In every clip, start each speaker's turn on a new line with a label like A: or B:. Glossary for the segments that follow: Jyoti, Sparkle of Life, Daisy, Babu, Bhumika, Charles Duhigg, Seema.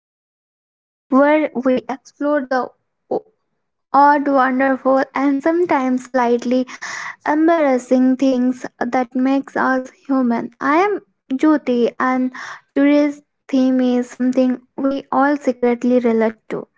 A: Sparkle of Life, where we explore the o- odd, wonderful, and sometimes slightly embarrassing things that makes us human. I am Jyoti, and today's theme is something we all secretly relate to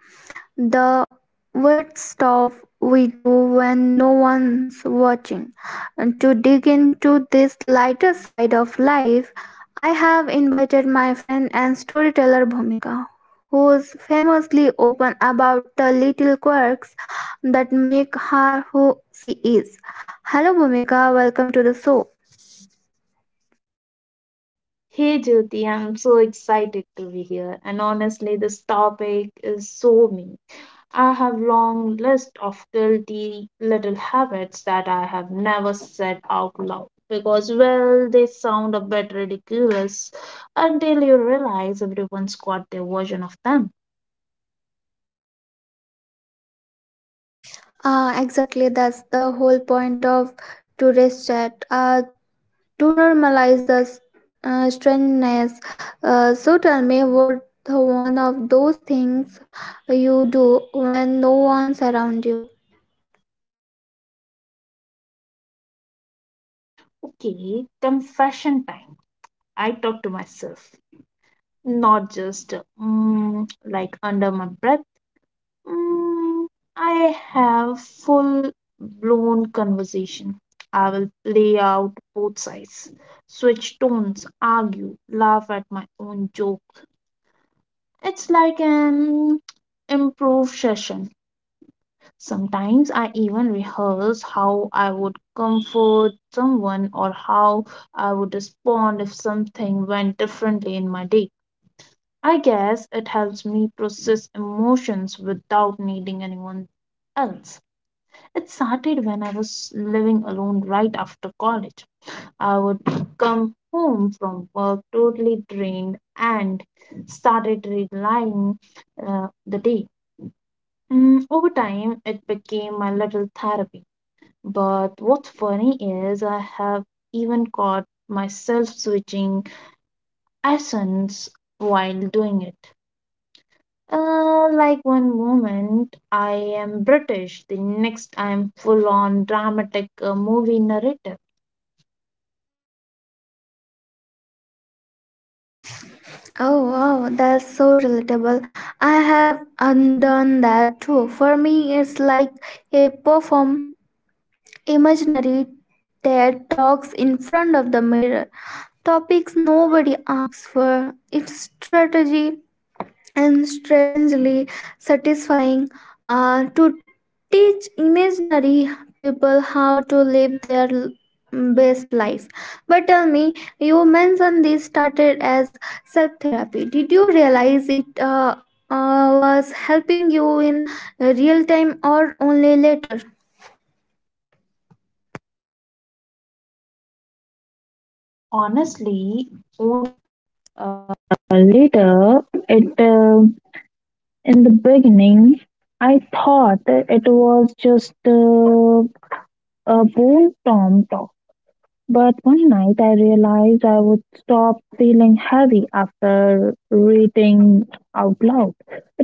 A: the weird stuff we do when no one's watching. And to dig into this lighter side of life, I have invited my friend and storyteller Bhumika, who is famously open about the little quirks that make her who she is. Hello, Bhumika, welcome to the show.
B: Hey Jyoti, I'm so excited to be here. And honestly, this topic is so me. I have long list of guilty little habits that I have never said out loud because well, they sound a bit ridiculous until you realize everyone's got their version of them.
A: Exactly, that's the whole point of today's chat. To normalize the strangeness. So tell me, what the one of those things you do when no one's around you?
B: Okay, confession time. I talk to myself, not just like under my breath Mm, I have full blown conversation. I will play out both sides, switch tones, argue, laugh at my own joke. It's like an improv session. Sometimes I even rehearse how I would comfort someone or how I would respond if something went differently in my day. I guess it helps me process emotions without needing anyone else. It started when I was living alone right after college. I would come home from work totally drained and started relying the day. Over time, it became my little therapy. But what's funny is I have even caught myself switching accents while doing it. Like one moment I am British, the next I am full on dramatic movie narrator.
A: Oh wow, that's so relatable. I have undone that too. For me, it's like a perform imaginary TED talks in front of the mirror. Topics nobody asks for. It's strategy and strangely satisfying to teach imaginary people how to live their best life, but tell me, you mentioned this started as self therapy. Did you realize it was helping you in real time or only later?
B: Honestly, uh, later it in the beginning I thought it was just a bold tom talk. But one night I realized I would stop feeling heavy after reading out loud.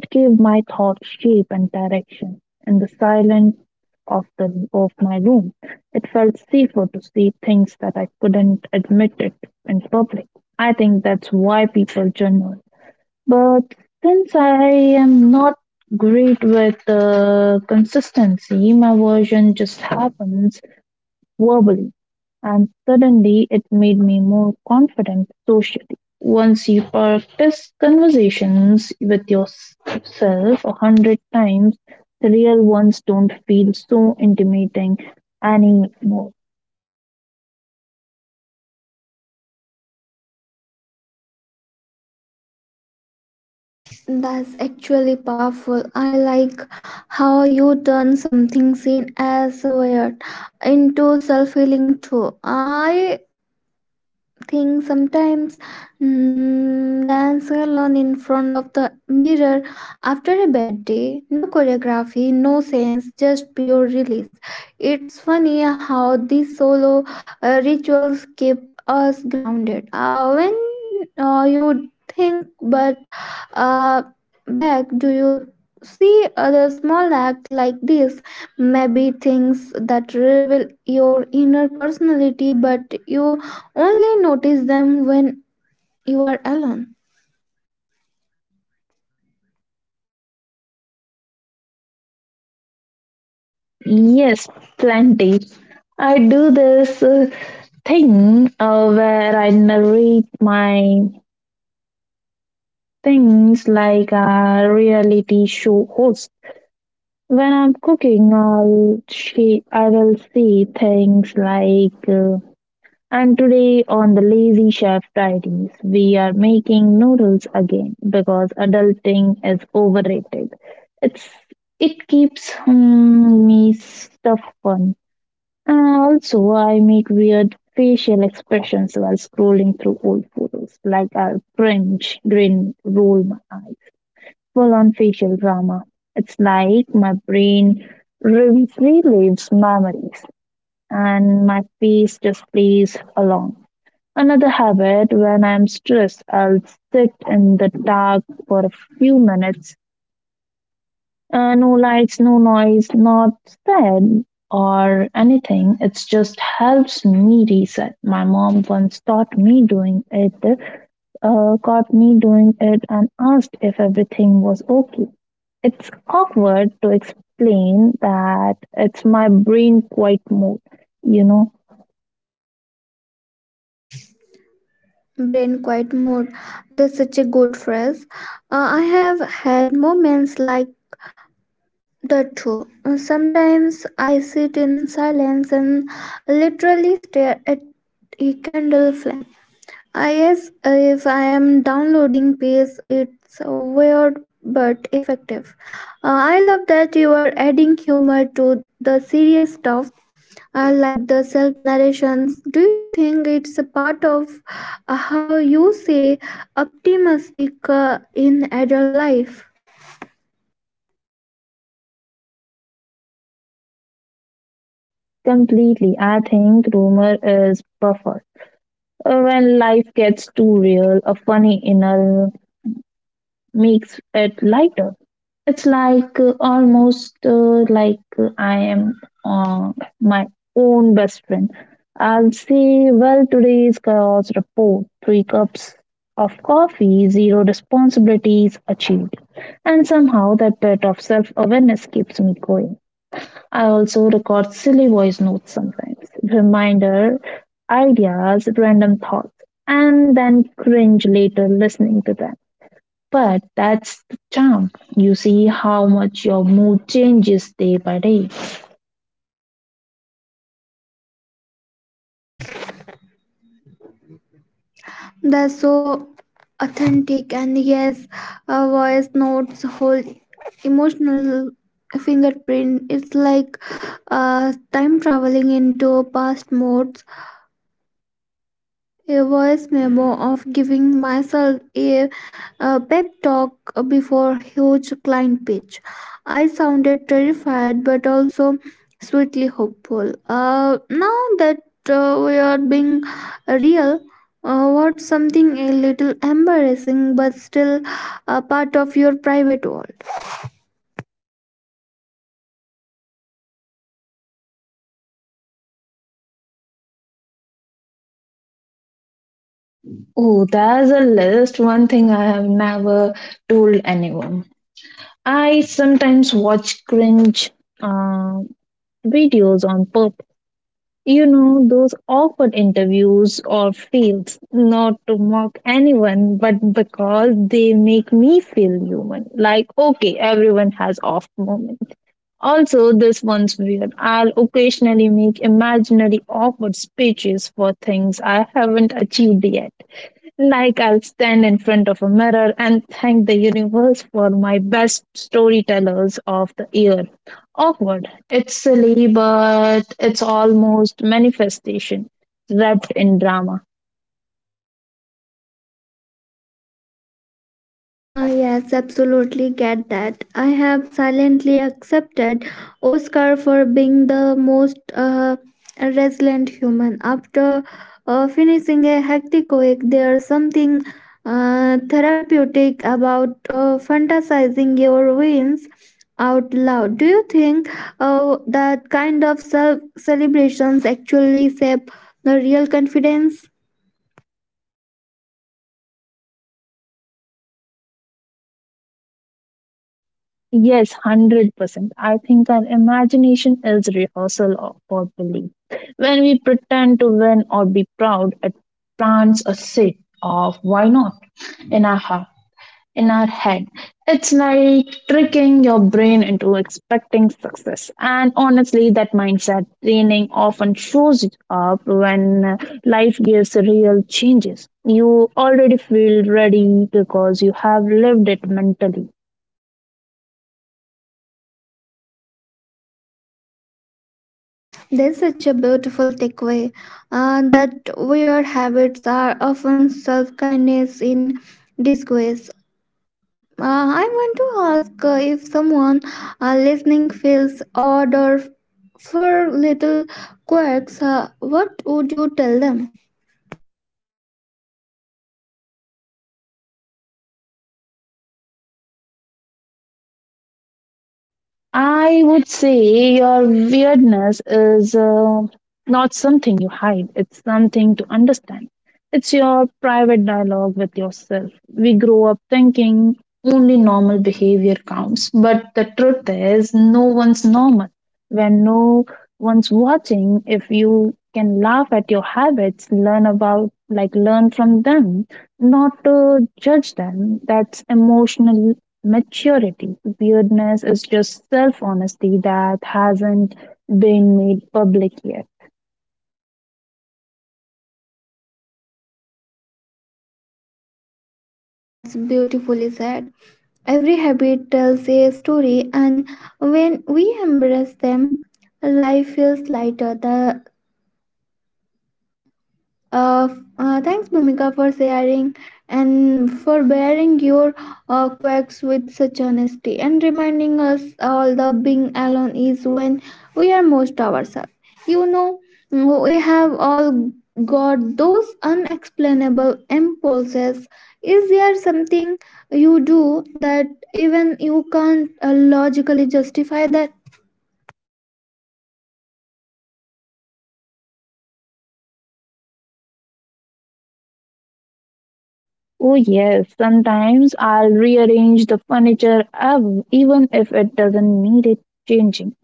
B: It gave my thoughts shape and direction. In the silence of my room, it felt safer to see things that I couldn't admit it in public. I think that's why people journal. But since I am not great with consistency, my version just happens verbally and suddenly it made me more confident socially. Once you practice conversations with yourself 100 times, the real ones don't feel so intimidating anymore.
A: That's actually powerful. I like how you turn something seen as weird into self healing too. I thing sometimes dance alone in front of the mirror after a bad day, no choreography, no sense, just pure release. It's funny how these solo rituals keep us grounded, when you think. But uh, back, do you see other small act like this, maybe things that reveal your inner personality but you only notice them when you are alone?
B: Yes, plenty. I do this thing where I narrate my things like a reality show host. When I'm cooking, I will see things like and today on the Lazy Chef Diaries, we are making noodles again because adulting is overrated. It's it keeps me stuff fun. And also, I make weird facial expressions while scrolling through old photos, like I'll cringe, grin, roll my eyes full-on facial drama. It's like my brain relives memories and my face just plays along. Another habit, when I'm stressed, I'll sit in the dark for a few minutes. No lights, no noise, not sad or anything. It just helps me reset. My mom once taught me doing it, caught me doing it, and asked if everything was okay. It's awkward to explain that it's my brain quiet mode, you know,
A: Brain quiet mode. That's such a good phrase. I have had moments like that too. Sometimes I sit in silence and literally stare at a candle flame. I guess if I am downloading pace, it's weird but effective. I love that you are adding humor to the serious stuff, like the self narrations. Do you think it's a part of how you say optimistic in adult life?
B: completely. I think rumor is buffer. When life gets too real, a funny inner makes it lighter. It's like almost like I am uh, my own best friend. I'll say, well, today's chaos report three cups of coffee, zero responsibilities achieved. And somehow that bit of self awareness keeps me going. I also record silly voice notes sometimes, reminder, ideas, random thoughts, and then cringe later listening to them. But that's the charm. You see how much your mood changes day by day.
A: That's so authentic. And yes, voice notes, whole emotional fingerprint. It's like time traveling into past modes, a voice memo of giving myself a, pep talk before huge client pitch. I sounded terrified but also sweetly hopeful. Now that we are being real, what's something a little embarrassing but still a part of your private world?
B: Oh, there's a list. One thing I have never told anyone. I sometimes watch cringe uh, videos on purpose. You know, those awkward interviews or fails, not to mock anyone, but because they make me feel human. Like, okay, everyone has off moments. Also, this one's weird. I'll occasionally make imaginary awkward speeches for things I haven't achieved yet. Like, I'll stand in front of a mirror and thank the universe for my best storytellers of the year. Awkward. It's silly, but it's almost manifestation wrapped in drama.
A: Ah, yes, absolutely get that. I have silently accepted Oscar for being the most resilient human. After finishing a hectic week, there's something therapeutic about fantasizing your wins out loud. Do you think that kind of self celebrations actually shape the real confidence?
B: Yes, 100%. I think our imagination is rehearsal of our belief. When we pretend to win or be proud, it plants a seed of why not in our heart, in our head. It's like tricking your brain into expecting success. And honestly, that mindset training often shows up when life gives real changes. You already feel ready because you have lived it mentally.
A: That's such a beautiful takeaway, that weird habits are often self kindness in disguise. I want to ask, if someone listening feels odd or for little quirks, what would you tell them?
B: I would say your weirdness is not something you hide, it's something to understand. It's your private dialogue with yourself. We grow up thinking only normal behavior counts, but the truth is, no one's normal. When no one's watching, if you can laugh at your habits, learn about, like, learn from them, not to judge them, that's emotional maturity. Weirdness is just self honesty that hasn't been made public yet.
A: That's beautifully said. Every habit tells a story, and when we embrace them, life feels lighter. The Uh, thanks, Bhumika, for sharing and for bearing your quirks with such honesty and reminding us all that being alone is when we are most ourselves. You know, we have all got those unexplainable impulses. Is there something you do that even you can't logically justify that?
B: Oh, yes, sometimes I'll rearrange the furniture even if it doesn't need it changing.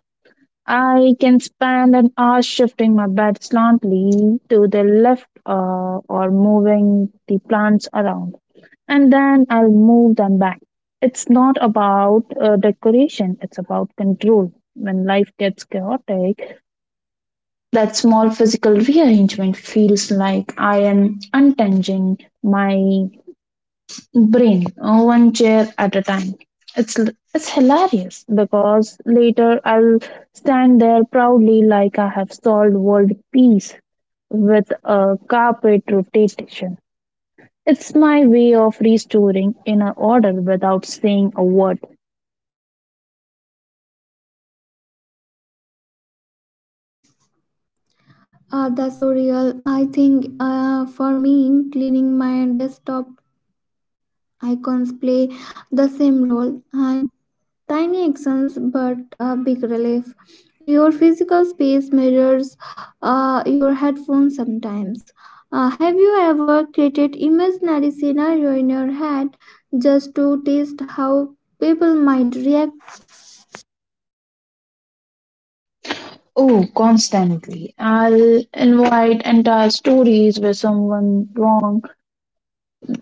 B: I can spend an hour shifting my bed slowly to the left or moving the plants around, and then I'll move them back. It's not about decoration, it's about control. When life gets chaotic, that small physical rearrangement feels like I am untangling my brain one chair at a time. It's it's hilarious because later I'll stand there proudly like I have solved world peace with a carpet rotation. It's my way of restoring inner order without saying a word.
A: That's so real. I think, for me, cleaning my desktop icons play the same role, tiny actions but a big relief. Your physical space measures your headphones sometimes. Have you ever created imaginary scenario in your head just to test how people might react?
B: Oh, constantly. I'll invite entire stories where someone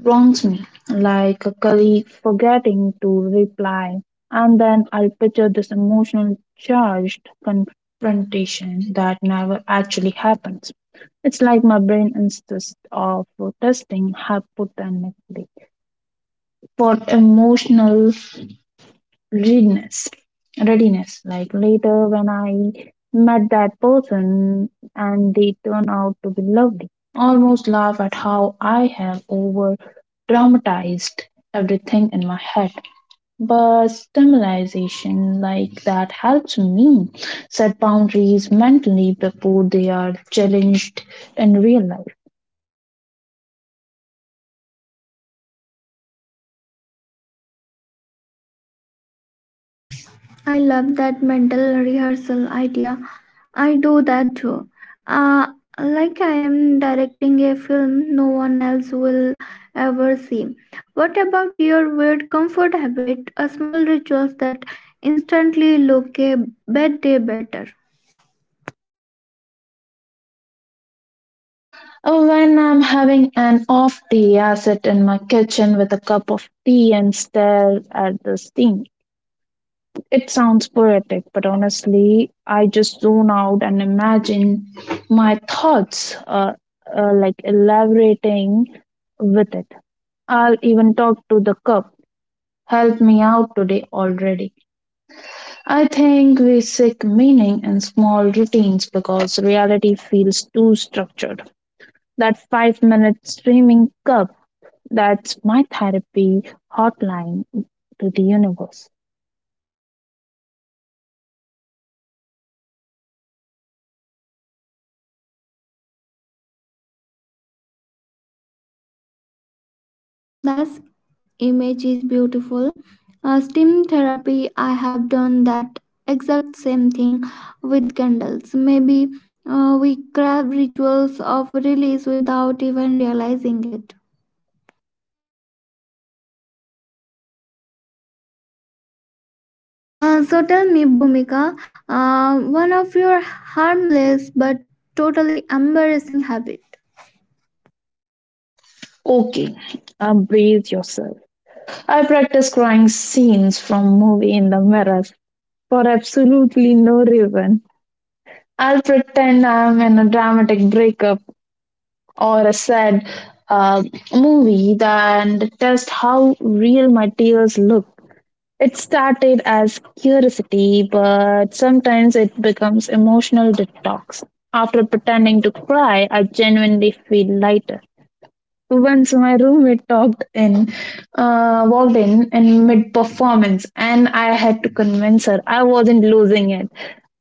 B: wrongs me, like a colleague forgetting to reply, and then I'll picture this emotional charged confrontation that never actually happens. It's like my brain insists of testing hypothetically for emotional readiness readiness, like later when I met that person and they turn out to be lovely, almost laugh at how I have over dramatized everything in my head. But stimulation like that helps me set boundaries mentally before they are challenged in real life.
A: I love that mental rehearsal idea. I do that too. Uh, like I am directing a film no one else will ever see. What about your weird comfort habit? A small rituals that instantly look a bad day better.
B: When I'm having an off day, I sit in my kitchen with a cup of tea and stare at the sink. It sounds poetic, but honestly, I just zone out and imagine my thoughts like elaborating with it. I'll even talk to the cup. Help me out today already. I think we seek meaning in small routines because reality feels too structured. That 5 minute streaming cup, that's my therapy hotline to the universe.
A: That's image is beautiful. Steam therapy, I have done that exact same thing with candles. Maybe we crave rituals of release without even realizing it. So tell me, Bhumika, one of your harmless but totally embarrassing habit.
B: Okay, breathe yourself. I practice crying scenes from movie in the mirror for absolutely no reason. I'll pretend I'm in a dramatic breakup or a sad uh, movie and test how real my tears look. It started as curiosity, but sometimes it becomes emotional detox. After pretending to cry, I genuinely feel lighter. Once my roommate walked in mid performance, and I had to convince her I wasn't losing it.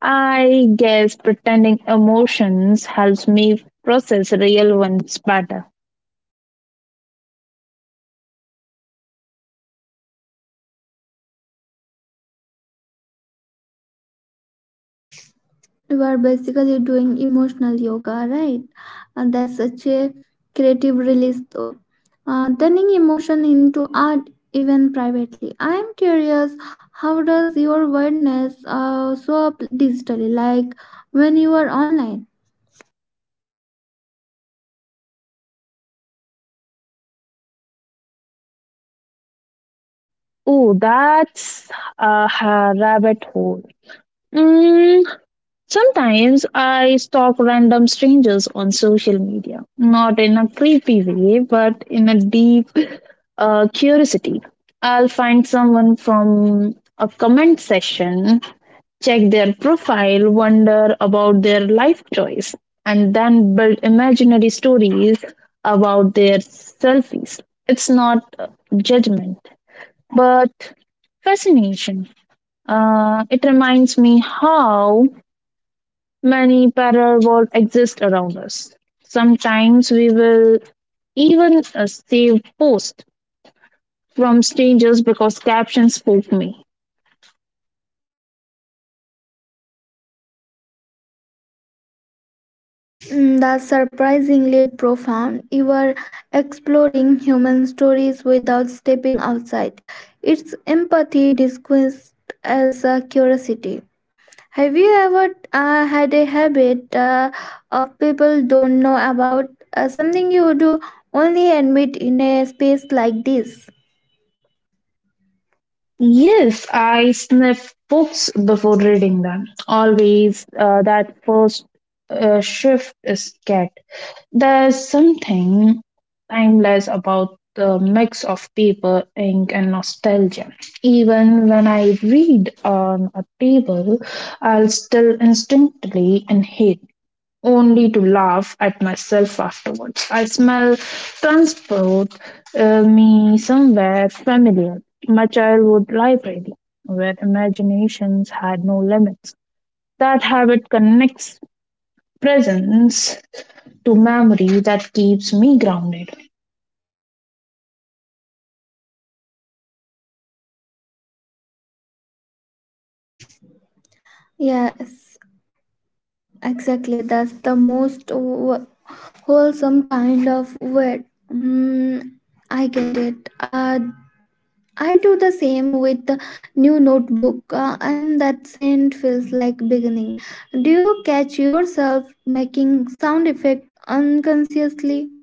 B: I guess pretending emotions helps me process real ones better.
A: You are basically doing emotional yoga, right? And that's such a creative release, though. Turning emotion into art, even privately. I am curious, how does your wordness show up digitally, like when you are online?
B: Oh, that's a rabbit hole. Mm, Sometimes I stalk random strangers on social media, not in a creepy way, but in a deep curiosity. I'll find someone from a comment section, check their profile, wonder about their life choice, and then build imaginary stories about their selfies. It's not judgment, but fascination. It reminds me how many parallel worlds exist around us. Sometimes we will even save posts from strangers because captions spoke me.
A: Mm, that's surprisingly profound. You are exploring human stories without stepping outside. It's empathy disguised as curiosity. Have you ever had a habit of people don't know about, something you do only admit in a space like this?
B: Yes, I sniff books before reading them. Always, that first shift is scared. There's something timeless about the mix of paper, ink, and nostalgia. Even when I read on a table, I'll still instinctively inhale, only to laugh at myself afterwards. I smell transport me somewhere familiar, my childhood library, where imaginations had no limits. That habit connects presence to memory that keeps me grounded.
A: Yes, exactly. That's the most wholesome kind of word. Mm, I get it. I do the same with the new notebook, and that scent feels like beginning. Do you catch yourself making sound effect unconsciously?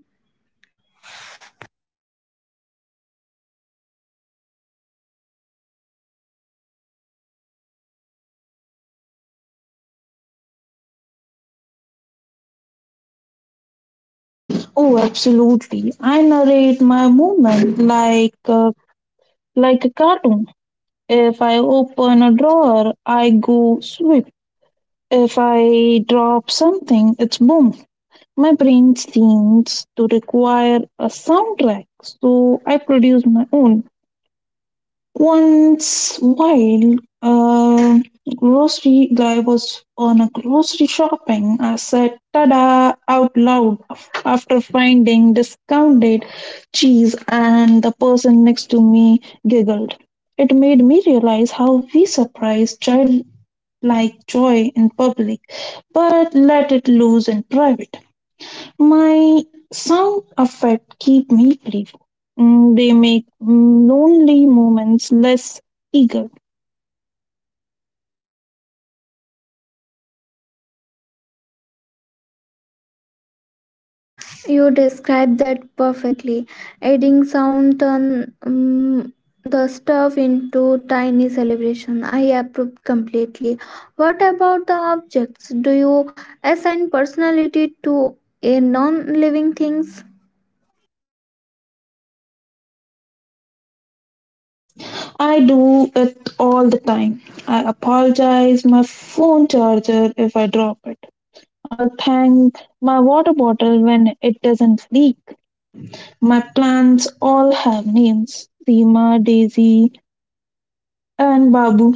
B: Oh, absolutely. I narrate my movement like like a cartoon. If I open a drawer, I go sweep. If I drop something, it's boom. My brain seems to require a soundtrack, so I produce my own. Once, while uh, grocery guy was on a grocery shopping, I said "tada" out loud after finding discounted cheese, and the person next to me giggled. It made me realize how we surprise childlike joy in public, but let it loose in private. My sound effect keep me playful. They make lonely moments less eager.
A: You described that perfectly. Adding sound turn the stuff into tiny celebration. I approve completely. What about the objects? Do you assign personality to a non-living things?
B: I do it all the time. I apologize my phone charger if I drop it. I'll thank my water bottle when it doesn't leak. My plants all have names Seema, Daisy, and Babu.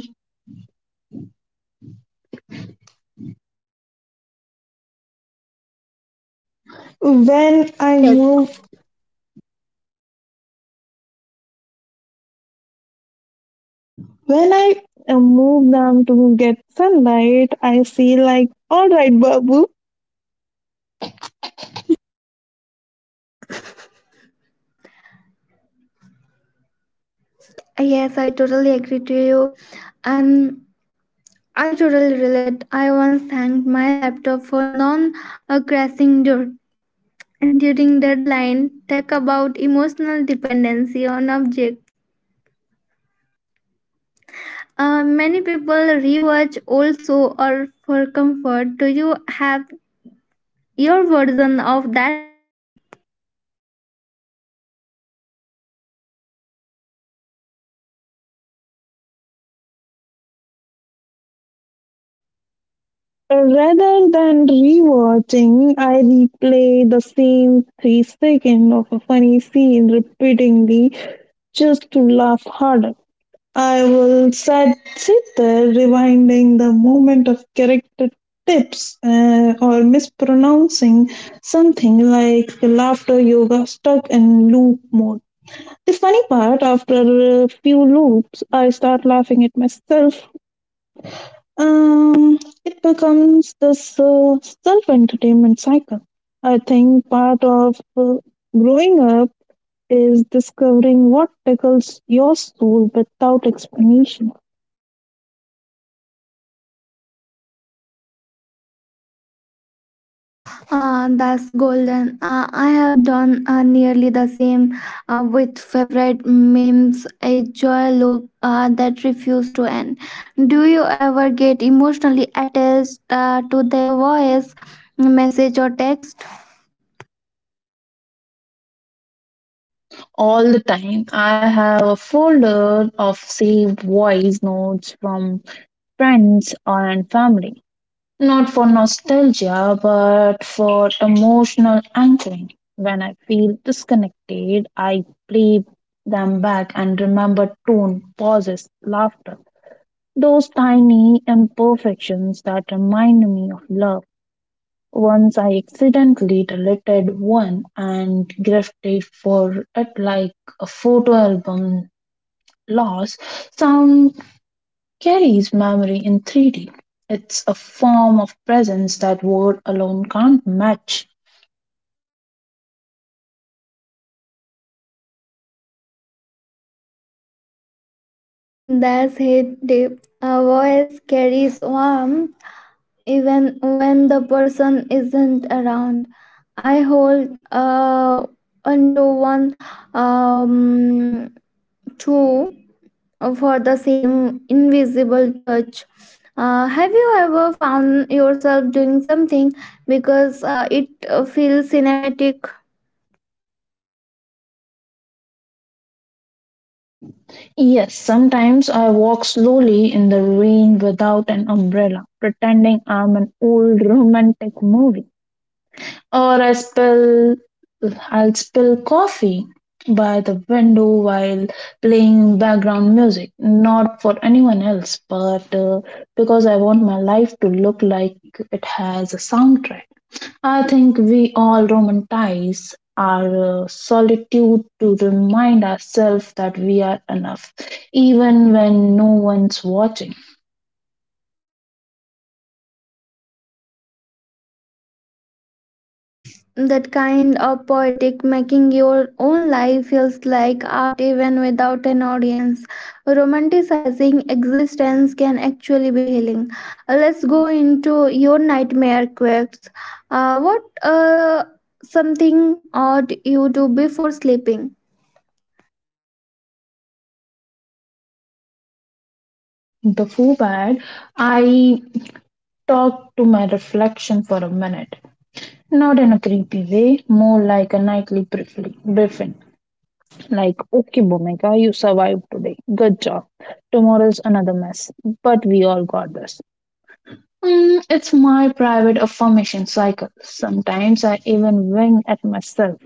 B: When I move When I move them to get sunlight, I see like, all right, Babu.
A: Yes, I totally agree to you. And I totally relate. I once thanked my laptop for non-crashing during deadline. Talk about emotional dependency on object. Many people rewatch also or for comfort. Do you have your version of that?
B: Rather than rewatching, I replay the same 3 seconds of a funny scene repeatedly just to laugh harder. I will sit there rewinding the moment of character tips or mispronouncing something, like laughter yoga stuck in loop mode. The funny part, after a few loops, I start laughing at myself. It becomes this self entertainment cycle. I think part of growing up is discovering what tickles your soul without explanation.
A: Ah, that's golden. I have done nearly the same with favorite memes, a joy loop that refuse to end. Do you ever get emotionally attached to their voice, message, or text?
B: All the time. I have a folder of saved voice notes from friends and family. Not for nostalgia, but for emotional anchoring. When I feel disconnected, I play them back and remember tone, pauses, laughter, those tiny imperfections that remind me of love. Once I accidentally deleted one and grifted for it like a photo album loss. Sound carries memory in 3D. It's a form of presence that word alone can't match.
A: That's it, deep. A voice carries warmth even when the person isn't around. I hold onto one um, two for the same invisible touch. Have you ever found yourself doing something because it feels cinematic?
B: Yes, sometimes I walk slowly in the rain without an umbrella, pretending I'm an old romantic movie. Or I spill I'll spill coffee by the window while playing background music, not for anyone else, but because I want my life to look like it has a soundtrack. I think we all romanticize our solitude to remind ourselves that we are enough, even when no one's watching.
A: That kind of poetic making your own life feels like art even without an audience. Romanticizing existence can actually be healing. Let's go into your nightmare quirks. What something odd you do before sleeping?
B: Before bed, I talk to my reflection for a minute. Not in a creepy way, more like a nightly briefing. Like, okay, Bhumika, you survived today. Good job. Tomorrow's another mess. But we all got this. It's my private affirmation cycle. Sometimes I even wink at myself,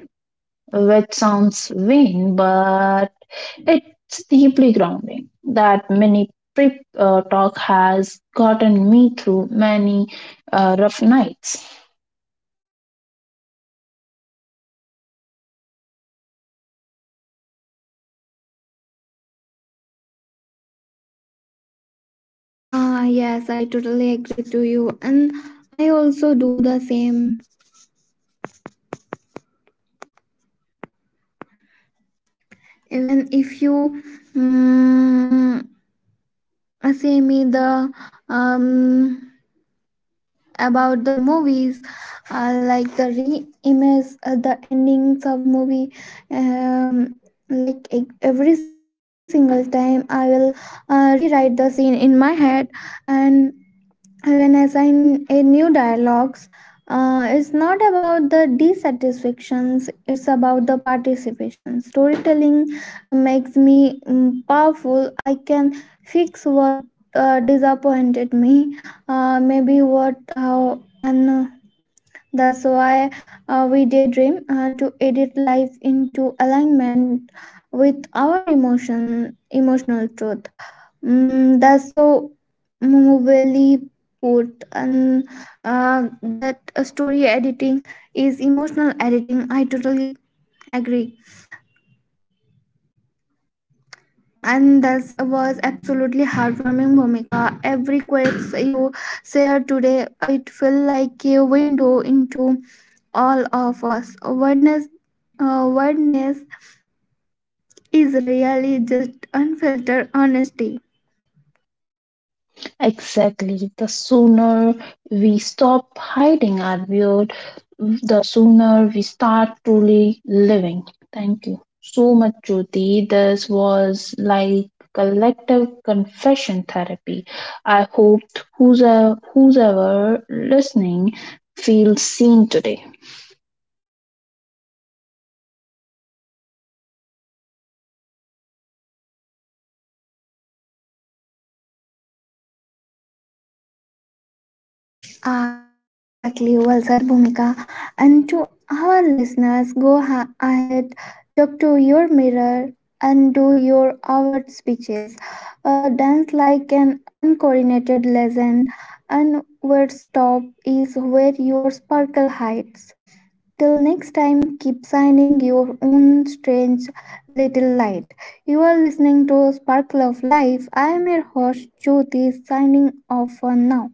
B: which sounds vain, but it's deeply grounding. That mini prep talk has gotten me through many rough nights.
A: Ah, yes, I totally agree to you, and I also do the same. Even if you mm, say me the um about the movies, like the re-image the endings of movie, um, like every single time I will rewrite the scene in my head and when assign a new dialogues. It's not about the dissatisfactions, it's about the participation storytelling. Makes me powerful. I can fix what disappointed me, maybe what how and that's why we daydream to edit life into alignment with our emotional truth. Mm, that's so movingly put, and that story editing is emotional editing. I totally agree. And that was absolutely heartwarming, Bhumika. Every quote you shared today, it felt like a window into all of us. Uh, awareness is really just unfiltered honesty.
B: Exactly. The sooner we stop hiding our weird, the sooner we start truly living. Thank you so much, Jyoti. This was like collective confession therapy. I hope who's listening feels seen today.
A: Ah, yes, exactly. Well said, Bhumika. And to our listeners, go ahead, talk to your mirror, and do your award speeches. Dance like an uncoordinated legend, and where stop is where your sparkle hides. Till next time, keep shining your own strange little light. You are listening to Sparkle of Life. I am your host, Jyoti, signing off for now.